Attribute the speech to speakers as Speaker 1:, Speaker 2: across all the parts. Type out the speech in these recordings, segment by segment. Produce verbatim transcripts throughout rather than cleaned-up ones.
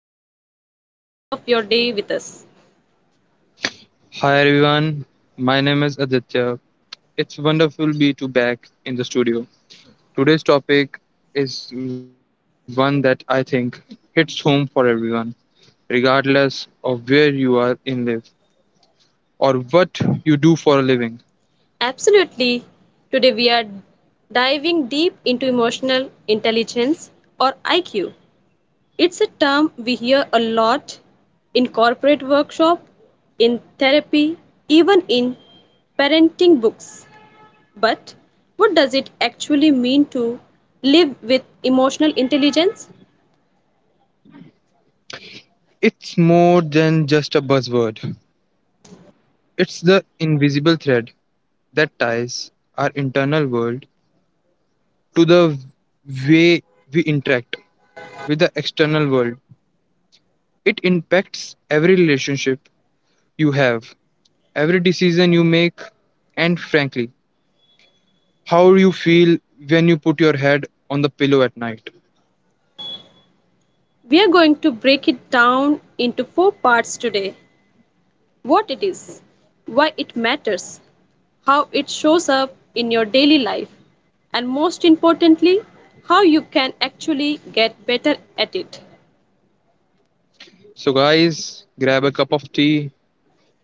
Speaker 1: decided to spend a bit of your day with us.
Speaker 2: Hi everyone, my name is Aditya. It's wonderful be to back in the studio. Today's topic is one that I think hits home for everyone, regardless of where you are in life or what you do for a living.
Speaker 1: Absolutely. Today we are diving deep into emotional intelligence or I Q. It's a term we hear a lot in corporate workshop, in therapy, even in parenting books. But what does it actually mean to live with emotional intelligence?
Speaker 2: It's more than just a buzzword. It's the invisible thread that ties our internal world to the way we interact with the external world. It impacts every relationship you have. Every decision you make, and frankly, how you feel when you put your head on the pillow at night.
Speaker 1: We're going to break it down into four parts today: what it is, why it matters, how it shows up in your daily life, and most importantly, how you can actually get better at it.
Speaker 2: So, guys, grab a cup of tea,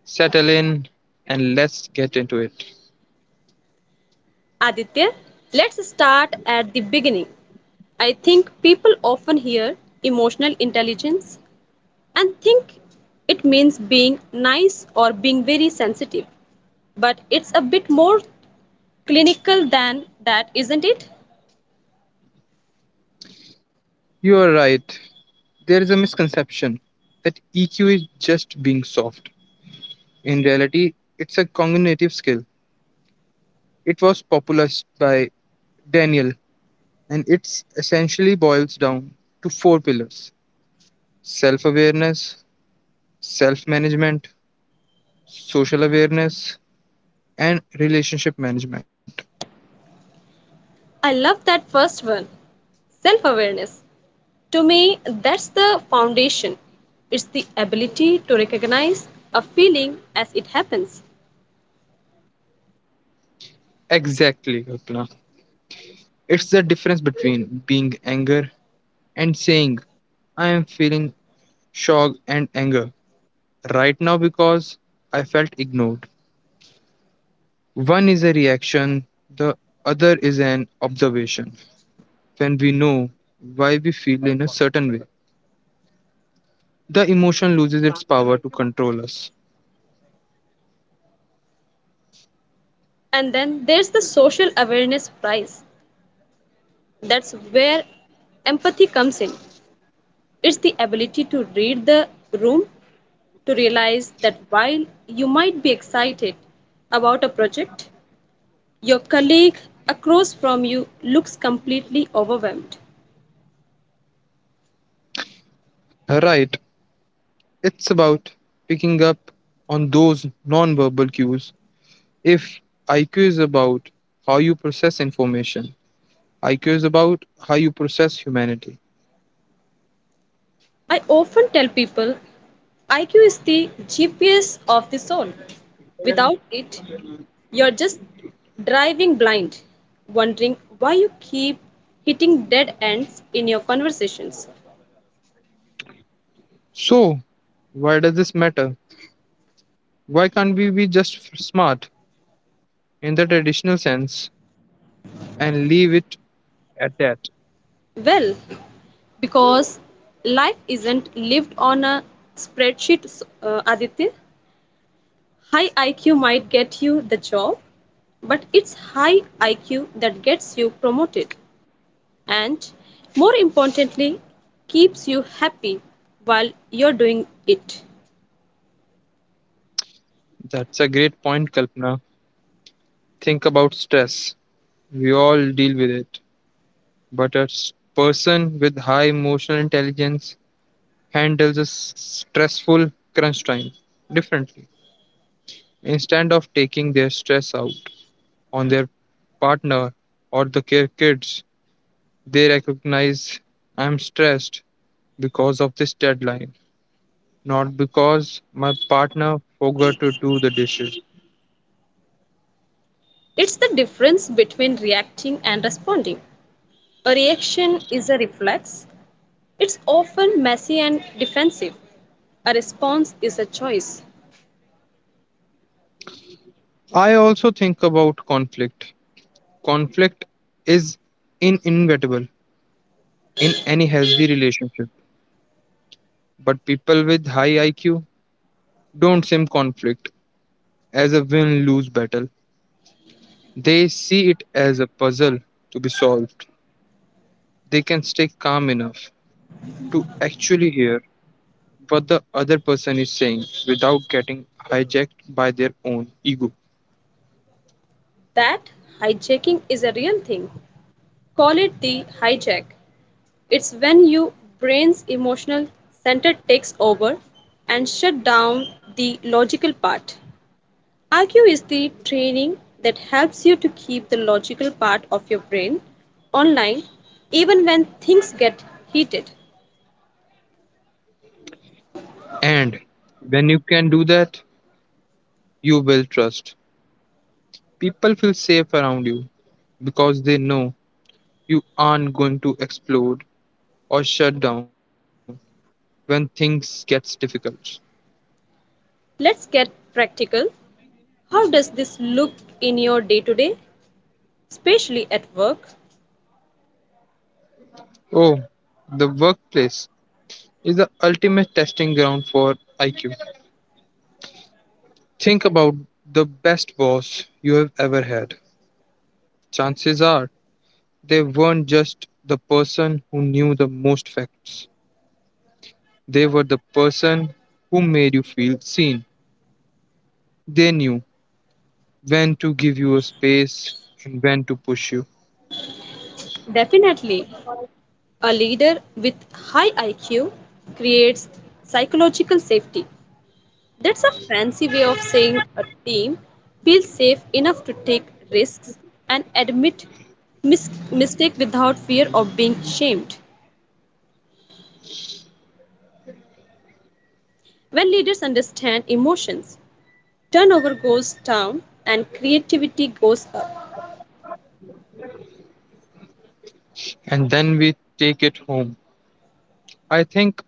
Speaker 2: settle in, and let's get into it.
Speaker 1: Aditya, let's start at the beginning. I think people often hear emotional intelligence and think it means being nice or being very sensitive, but it's a bit more clinical than that, isn't it?
Speaker 2: You are right. There is a misconception that E Q is just being soft. In reality, it's a cognitive skill. It was popularized by Daniel, and it essentially boils down to four pillars: self awareness, self management, social awareness, and relationship management.
Speaker 1: I love that first one, self awareness. To me, that's the foundation. It's the ability to recognize a feeling as it happens.
Speaker 2: Exactly, Kalpana. It's the difference between being anger and saying, I am feeling shock and anger right now because I felt ignored. One is a reaction, the other is an observation. When we know why we feel in a certain way, the emotion loses its power to control us.
Speaker 1: And then there's the social awareness prize. That's where empathy comes in. It's the ability to read the room, to realize that while you might be excited about a project, your colleague across from you looks completely overwhelmed.
Speaker 2: Right, it's about picking up on those non verbal cues. If IQ is about how you process information, IQ is about how you process humanity.
Speaker 1: I often tell people I Q is the G P S of the soul. Without it, you're just driving blind, wondering why you keep hitting dead ends in your conversations.
Speaker 2: So, why does this matter? Why can't we be just f- smart in the traditional sense and leave it at that?
Speaker 1: Well, because life isn't lived on a spreadsheet, uh, Aditya. High I Q might get you the job, but it's high I Q that gets you promoted and, more importantly, keeps you happy while you're doing it.
Speaker 2: That's a great point, Kalpana. Think about stress. We all deal with it. But a s- person with high emotional intelligence handles a s- stressful crunch time differently, instead of taking their stress out on their partner or the care kids. They recognize I'm stressed because of this deadline, not because my partner forgot to do the dishes.
Speaker 1: It's the difference between reacting and responding. A reaction is a reflex, it's often messy and defensive. A response is a choice.
Speaker 2: I also think about conflict. Conflict is inevitable in any healthy relationship, but people with high IQ don't see conflict as a win lose battle. They see it as a puzzle to be solved. They can stay calm enough to actually hear what the other person is saying without getting hijacked by their own ego.
Speaker 1: That hijacking is a real thing. Call it the hijack. It's when your brain's emotional center takes over and shut down the logical part. Argue is the training that helps you to keep the logical part of your brain online even when things get heated.
Speaker 2: And when you can do that, you will trust. People feel safe around you because they know you aren't going to explode or shut down when things gets difficult.
Speaker 1: Let's get practical. How does this look in your day to day, especially at work?
Speaker 2: Oh, the workplace is the ultimate testing ground for IQ. Think about the best boss you have ever had. Chances are they weren't just the person who knew the most facts, they were the person who made you feel seen. They knew when to give you a space and when to push you.
Speaker 1: Definitely, a leader with high I Q creates psychological safety. That's a fancy way of saying a team feels safe enough to take risks and admit mis- mistake without fear of being shamed. When leaders understand emotions, turnover goes down and creativity goes up.
Speaker 2: And then we take it home. I think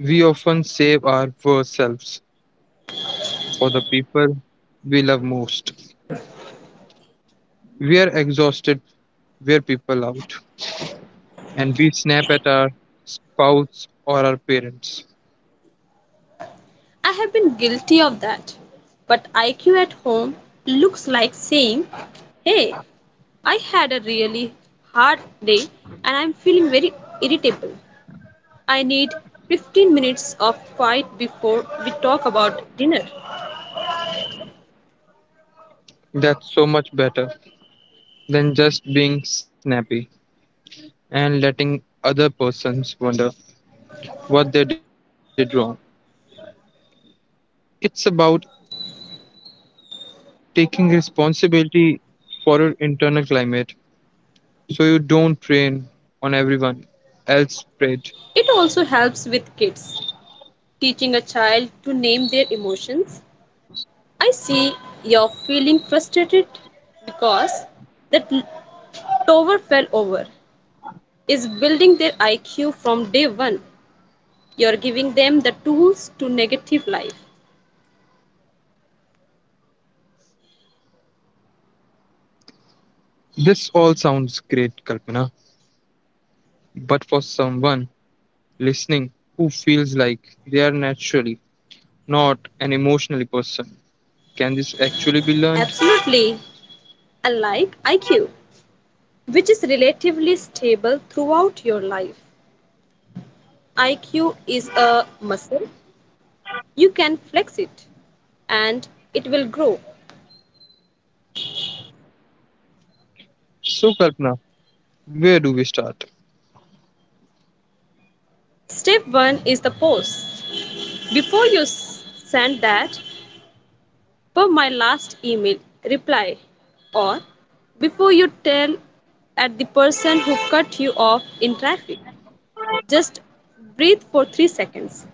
Speaker 2: we often save our worst selves for the people we love most. We are exhausted, we're people out, and we snap at our spouse or our parents.
Speaker 1: I have been guilty of that. But I Q at home looks like saying, "Hey, I had a really hard day and I'm feeling very irritable. I need fifteen minutes of quiet before we talk about dinner."
Speaker 2: That's so much better than just being snappy, and letting other persons wonder what they did wrong. It's about taking responsibility for your internal climate so you don't rain on everyone else prayed.
Speaker 1: It also helps with kids, teaching a child to name their emotions. "I see you're feeling frustrated because that tower fell over" is building their I Q from day one. You're giving them the tools to negative life.
Speaker 2: This all sounds great, Kalpana, but for someone listening who feels like they are naturally not an emotionally person, can this actually be learned?
Speaker 1: Absolutely. Unlike I Q, which is relatively stable throughout your life, I Q is a muscle. You can flex it and it will grow.
Speaker 2: So, Kalpana, where do we start?
Speaker 1: Step one is the pause. Before you send that "per my last email" reply, or before you tell at the person who cut you off in traffic, just breathe for three seconds.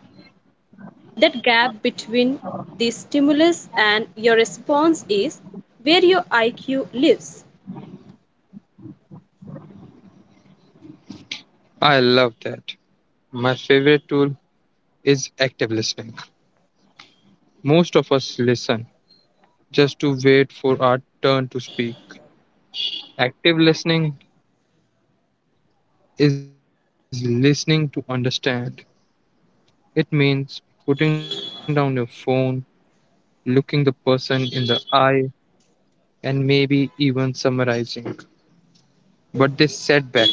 Speaker 1: That gap between the stimulus and your response is where your I Q lives.
Speaker 2: I love that. My favorite tool is active listening. Most of us listen just to wait for our turn to speak. Active listening is listening to understand. It means putting down your phone, looking the person in the eye, and maybe even summarizing what they said back to them.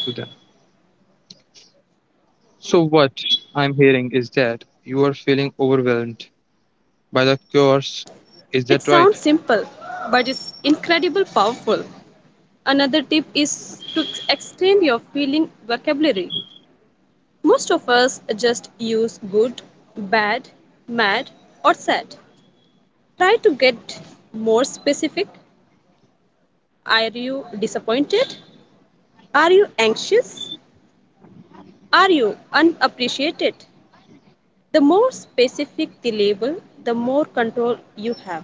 Speaker 2: So, what I'm hearing is that you are feeling overwhelmed by the course. Is that right?
Speaker 1: It sounds simple, but it's incredibly powerful. Another tip is to extend your feeling vocabulary. Most of us just use good, bad, mad, or sad. Try to get more specific. Are you disappointed? Are you anxious? Are you unappreciated? The more specific the label, the more control you have.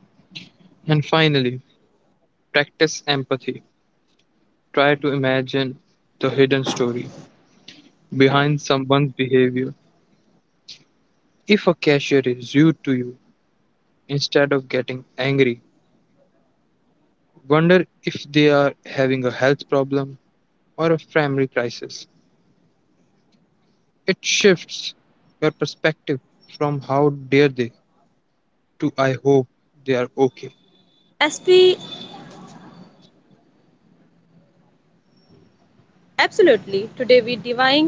Speaker 2: And finally, practice empathy. Try to imagine the hidden story behind someone's behavior. If a cashier is rude to you, instead of getting angry, wonder if they are having a health problem or a family crisis. It shifts your perspective from how dare they to I hope they are okay.
Speaker 1: As we absolutely today we diving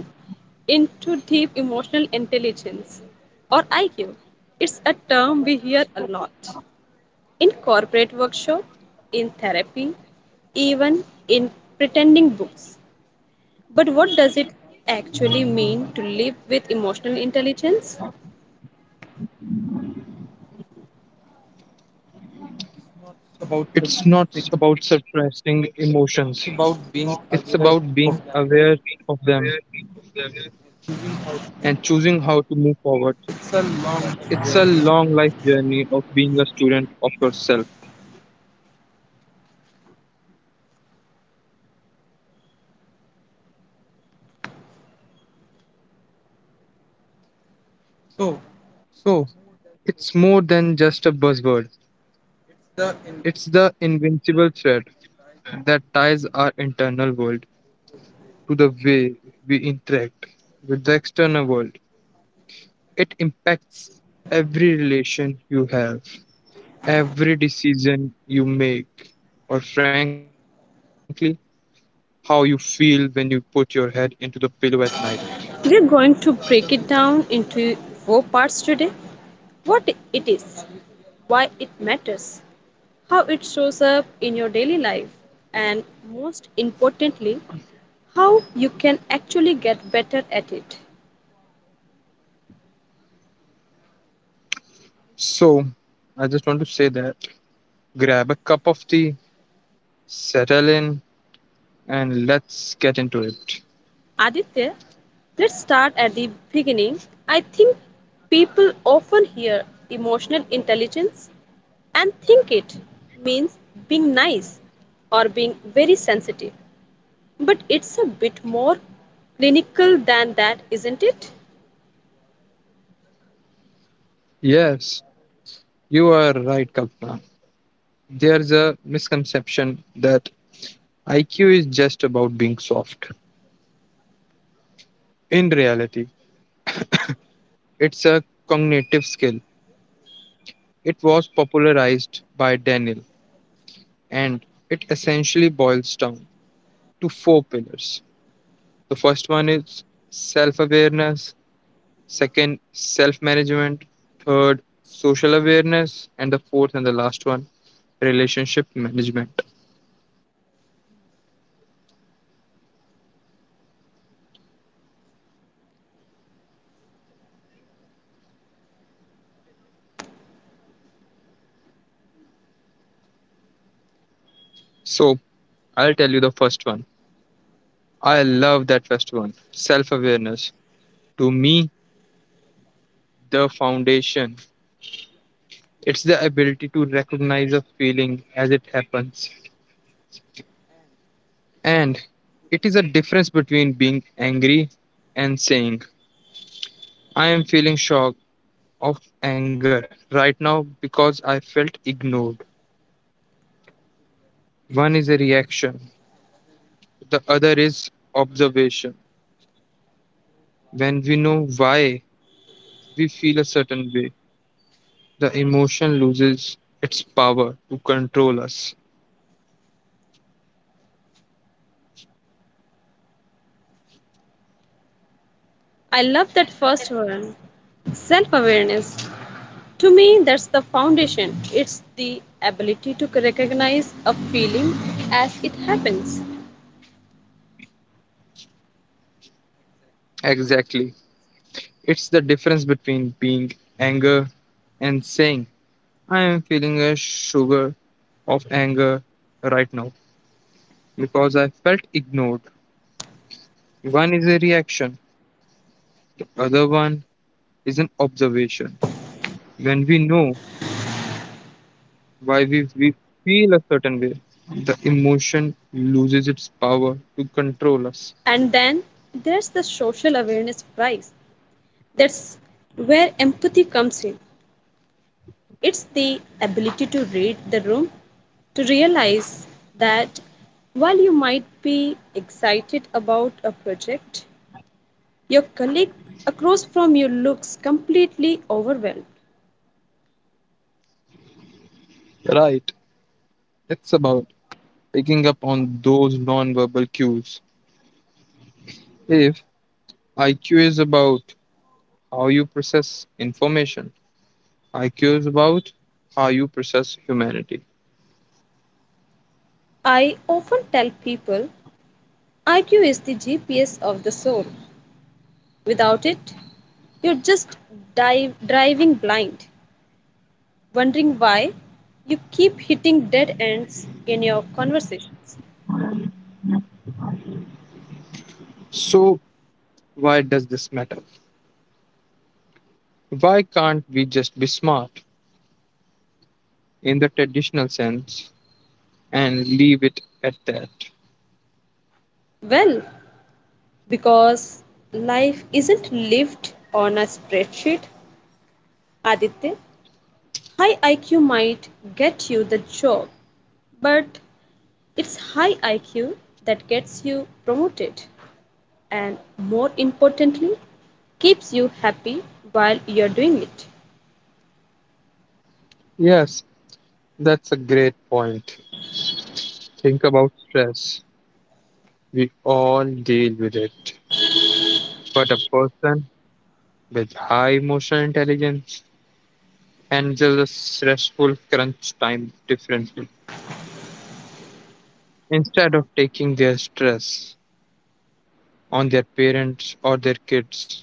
Speaker 1: into deep emotional intelligence or I Q. It's a term we hear a lot in corporate workshop, in therapy, even in pretending books. But what does it actually mean to live with emotional intelligence? About the
Speaker 2: It's not
Speaker 1: thing.
Speaker 2: about suppressing emotions,
Speaker 1: It's about being
Speaker 2: it's
Speaker 1: aware
Speaker 2: about being
Speaker 1: of them,
Speaker 2: aware of them
Speaker 1: choosing how.
Speaker 2: and choosing how to move forward.
Speaker 1: It's a long
Speaker 2: It's a
Speaker 1: journey.
Speaker 2: long life journey of being a student of yourself.
Speaker 1: So,
Speaker 2: So, it's more than just a buzzword.
Speaker 1: it's the in-
Speaker 2: It's the invincible thread that ties our internal world to the way we interact with the external world. It impacts every relation you have, every decision you make, or frankly, how you feel when you put your head into the pillow at night.
Speaker 1: We're going to break it down into four parts today: what it is, why it matters, how it shows up in your daily life, and most importantly, how you can actually get better at it.
Speaker 2: So, I just want to say that grab a cup of tea, settle in, and let's get into it.
Speaker 1: Aditya, let's start at the beginning. I think people often hear emotional intelligence and think it means being nice or being very sensitive. But it's a bit more clinical than that, isn't it?
Speaker 2: Yes, you are right, Kalpana. There's a misconception that IQ is just about being soft. In reality, it's a cognitive skill. It was popularized by Daniel, and it essentially boils down to four pillars. The first one is self awareness, second, self management, third, social awareness, and the fourth and the last one, relationship management. So, I'll tell you the first one. I love that first one self awareness. To me, the foundation. It's the ability to recognize a feeling as it happens. And it is a difference between being angry and saying, I am feeling shock of anger right now because I felt ignored. One is a reaction, the other is observation. When we know why we feel a certain way, the emotion loses its power to control us.
Speaker 1: I love that first one. Self awareness. To me, that's the foundation. It's the ability to recognize a feeling as it happens.
Speaker 2: Exactly. It's the difference between being anger and saying, I am feeling a sugar of anger right now because I felt ignored. One is a reaction, the other one is an observation. When we know why we, we feel a certain way, the emotion loses its power to control us.
Speaker 1: And then there's the social awareness prize. That's where empathy comes in. It's the ability to read the room, to realize that while you might be excited about a project, your colleague across from you looks completely overwhelmed.
Speaker 2: Right, it's about picking up on those nonverbal cues. If IQ is about how you process information, I curious about how you process humanity.
Speaker 1: I often tell people I Q is the G P S of the soul. Without it, you're just dive, driving blind, wondering why you keep hitting dead ends in your conversations.
Speaker 2: So, why does this matter? Why can't we just be smart in the traditional sense and leave it at that?
Speaker 1: Well, because life isn't lived on a spreadsheet, Aditya. High I Q might get you the job, but it's high I Q that gets you promoted and, more importantly, keeps you happy while you're doing it.
Speaker 2: Yes, that's a great point. Think about stress. We all deal with it. But a person with high emotional intelligence handles a stressful crunch time differently. Instead of taking their stress on their parents or their kids,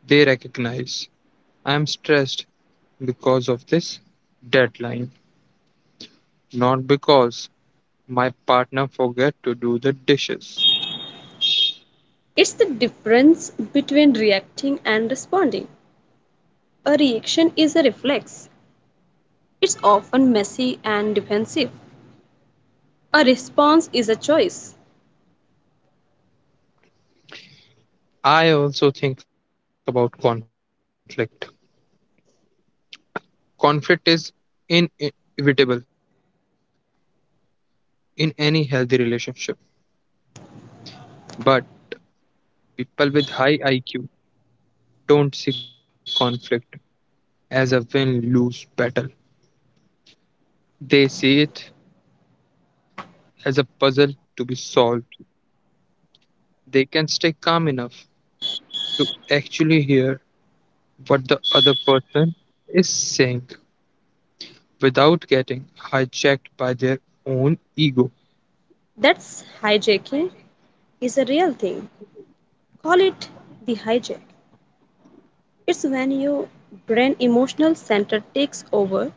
Speaker 2: they recognize I'm stressed because of this deadline, not because my partner forget to do the dishes.
Speaker 1: It's the difference between reacting and responding. A reaction is a reflex, it's often messy and defensive. A response is a choice.
Speaker 2: I also think about conflict. Conflict is inevitable in any healthy relationship, but people with high IQ don't see conflict as a win lose battle. They see it as a puzzle to be solved. They can stay calm enough to actually hear what the other person is saying without getting hijacked by their own ego.
Speaker 1: That's hijacking is a real thing. Call it the hijack. It's when your brain emotional center takes over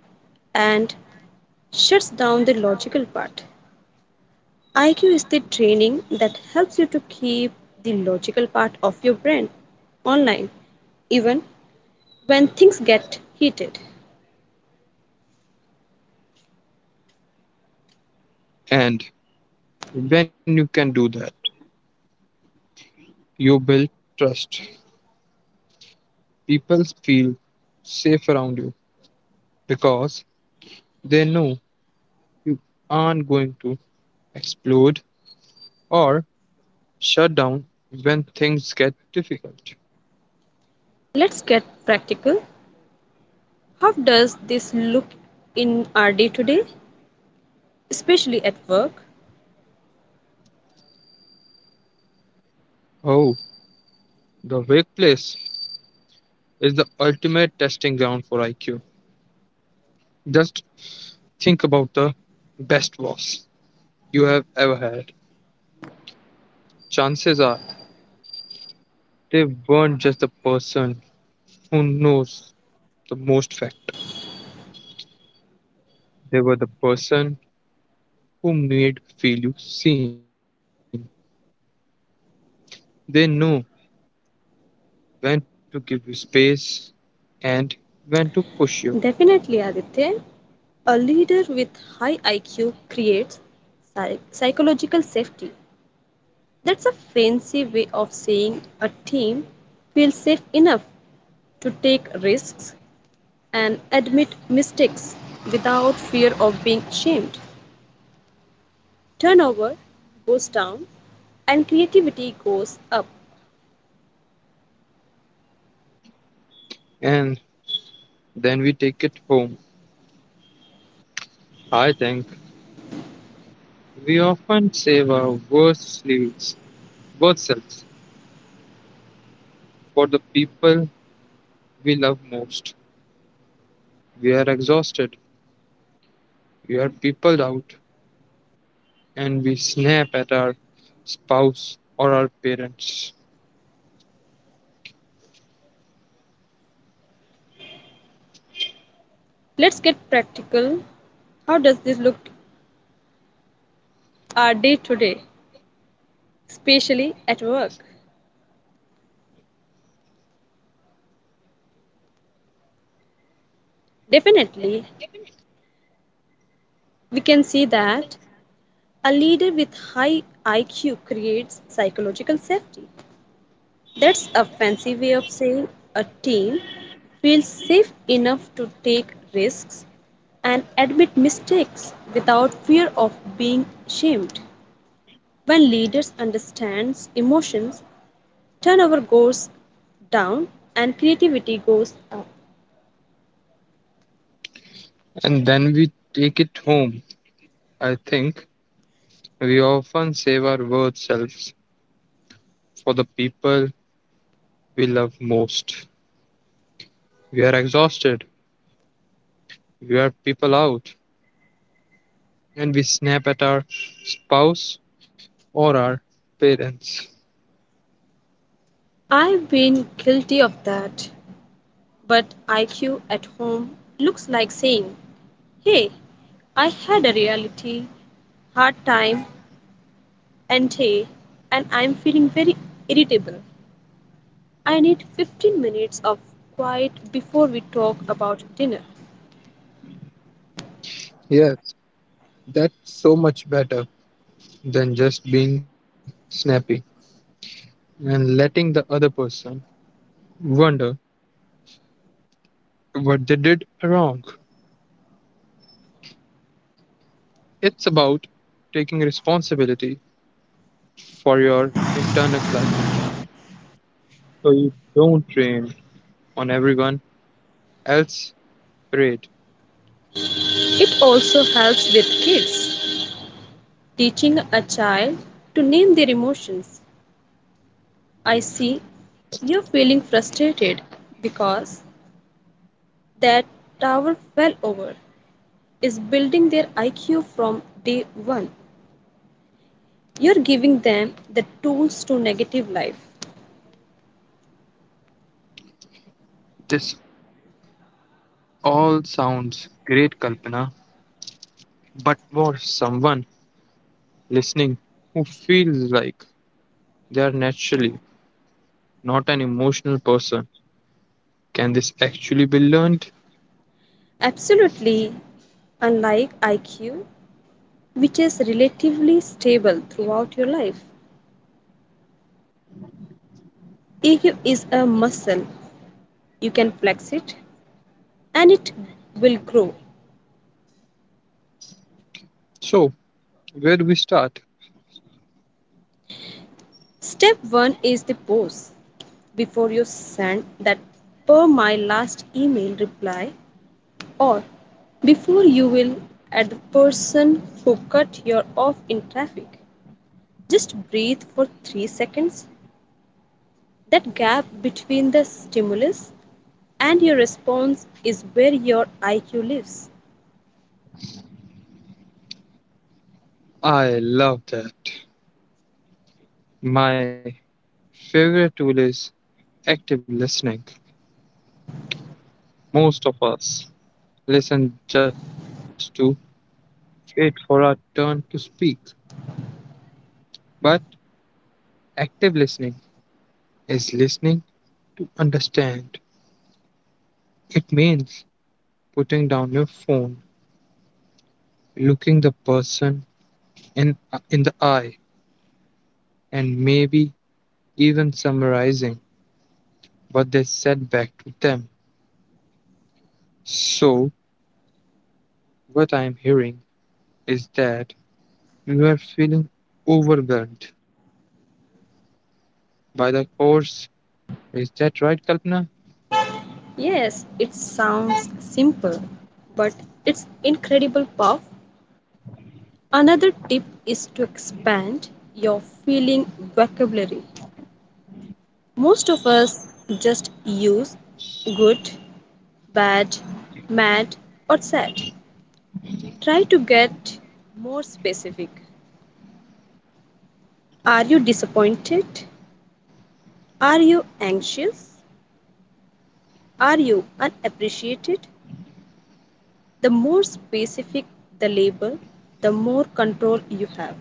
Speaker 1: and shuts down the logical part. I Q is the training that helps you to keep the logical part of your brain online even when things get heated.
Speaker 2: And when you can do that, you build trust. People feel safe around you because they know you aren't going to explode or shut down when things get difficult.
Speaker 1: Let's get practical. How does this look in our day to day, especially at work?
Speaker 2: Oh, the workplace is the ultimate testing ground for IQ. Just think about the best boss you have ever had. Chances are they weren't just the person who knows the most fact. They were the person who made feel you seen. They know when to give you space and when to push you.
Speaker 1: Definitely, Aditya. A leader with high I Q creates psy- psychological safety. That's a fancy way of saying a team feels safe enough to take risks and admit mistakes without fear of being shamed. Turnover goes down and creativity goes up.
Speaker 2: And then we take it home. I think we often save our worst selves, worst selves for the people we love most. We are exhausted, we are peopled out, and we snap at our spouse or our parents.
Speaker 1: Let's get practical. How does this look our day to day, especially at work? Definitely, we can see that a leader with high I Q creates psychological safety. That's a fancy way of saying a team feels safe enough to take risks and admit mistakes without fear of being shamed. When leaders understand emotions, turnover goes down and creativity goes up.
Speaker 2: And then we take it home. I think we often save our worst selves for the people we love most. We are exhausted, we are people out, and we snap at our spouse or our parents.
Speaker 1: I've been guilty of that, but I Q at home looks like saying, "Hey, I had a reality hard time and hey, and I'm feeling very irritable. I need fifteen minutes of quiet before we talk about dinner."
Speaker 2: Yes, that's so much better than just being snappy and letting the other person wonder what they did wrong. It's about taking responsibility for your internal climate, so you don't rain on everyone else's parade.
Speaker 1: It also helps with kids, teaching a child to name their emotions. "I see you're feeling frustrated because that tower fell over" is building their I Q from day one. You're giving them the tools to negative life.
Speaker 2: This all sounds great, Kalpana, but for someone listening who feels like they are naturally not an emotional person, can this actually be learned?
Speaker 1: Absolutely, unlike I Q, which is relatively stable throughout your life. E Q is a muscle. You can flex it and it will grow.
Speaker 2: So, where do we start?
Speaker 1: Step one is the pose. Before you send that per my last email reply, or before you will at the person who cut you off in traffic, just breathe for three seconds. That gap between the stimulus and your response is where your I Q lives.
Speaker 2: I love that. My favorite tool is active listening. Most of us listen just to wait for our turn to speak, but active listening is listening to understand. It means putting down your phone, looking the person in, in the eye, and maybe even summarizing what they said back to them. So, what I'm hearing is that you are feeling overwhelmed by the course. Is that right, Kalpana?
Speaker 1: Yes, it sounds simple, but it's incredible power. Another tip is to expand your feeling vocabulary. Most of us just use good, bad, mad, or sad. Try to get more specific. Are you disappointed? Are you anxious? Are you unappreciated? The more specific the label, the more control you have.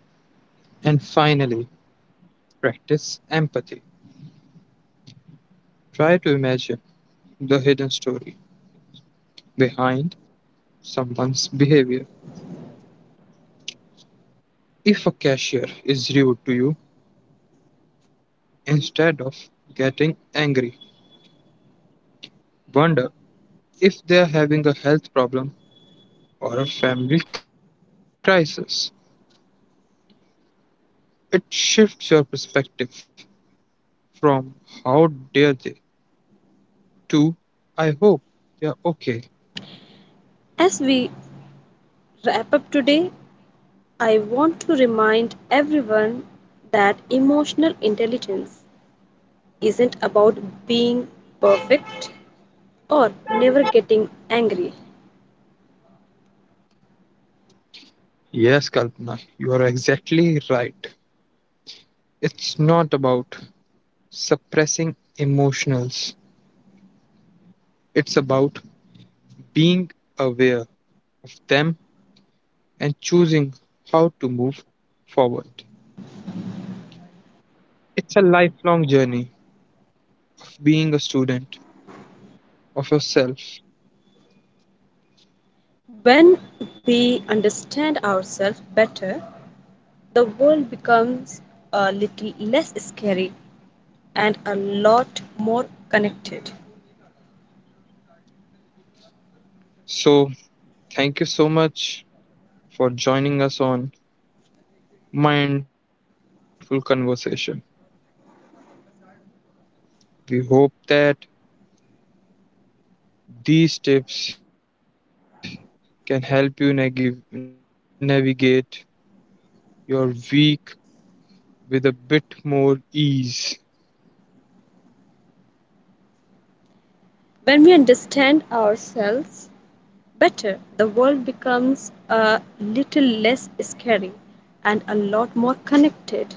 Speaker 2: And finally, practice empathy. Try to imagine the hidden story behind someone's behavior. If a cashier is rude to you, instead of getting angry, wonder if they are having a health problem or a family crisis. It shifts your perspective from how dare they to I hope they are okay.
Speaker 1: As we wrap up today, I want to remind everyone that emotional intelligence isn't about being perfect or never getting angry.
Speaker 2: Yes, Kalpana, you are exactly right. It's not about suppressing emotionals, it's about being aware of them and choosing how to move forward. It's a lifelong journey, being a student of yourself.
Speaker 1: When we understand ourselves better, the world becomes a little less scary and a lot more connected.
Speaker 2: So, thank you so much for joining us on Mindful Conversation. We hope that these tips can help you nag- navigate your week with a bit more ease.
Speaker 1: When we understand ourselves better, the world becomes a little less scary and a lot more connected.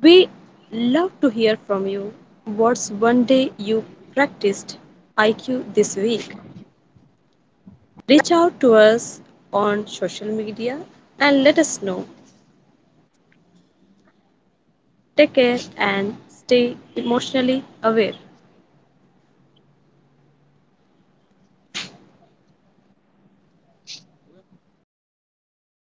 Speaker 1: We love to hear from you. What's one day you practiced I Q this week? Reach out to us on social media and let us know. Take care and stay emotionally aware.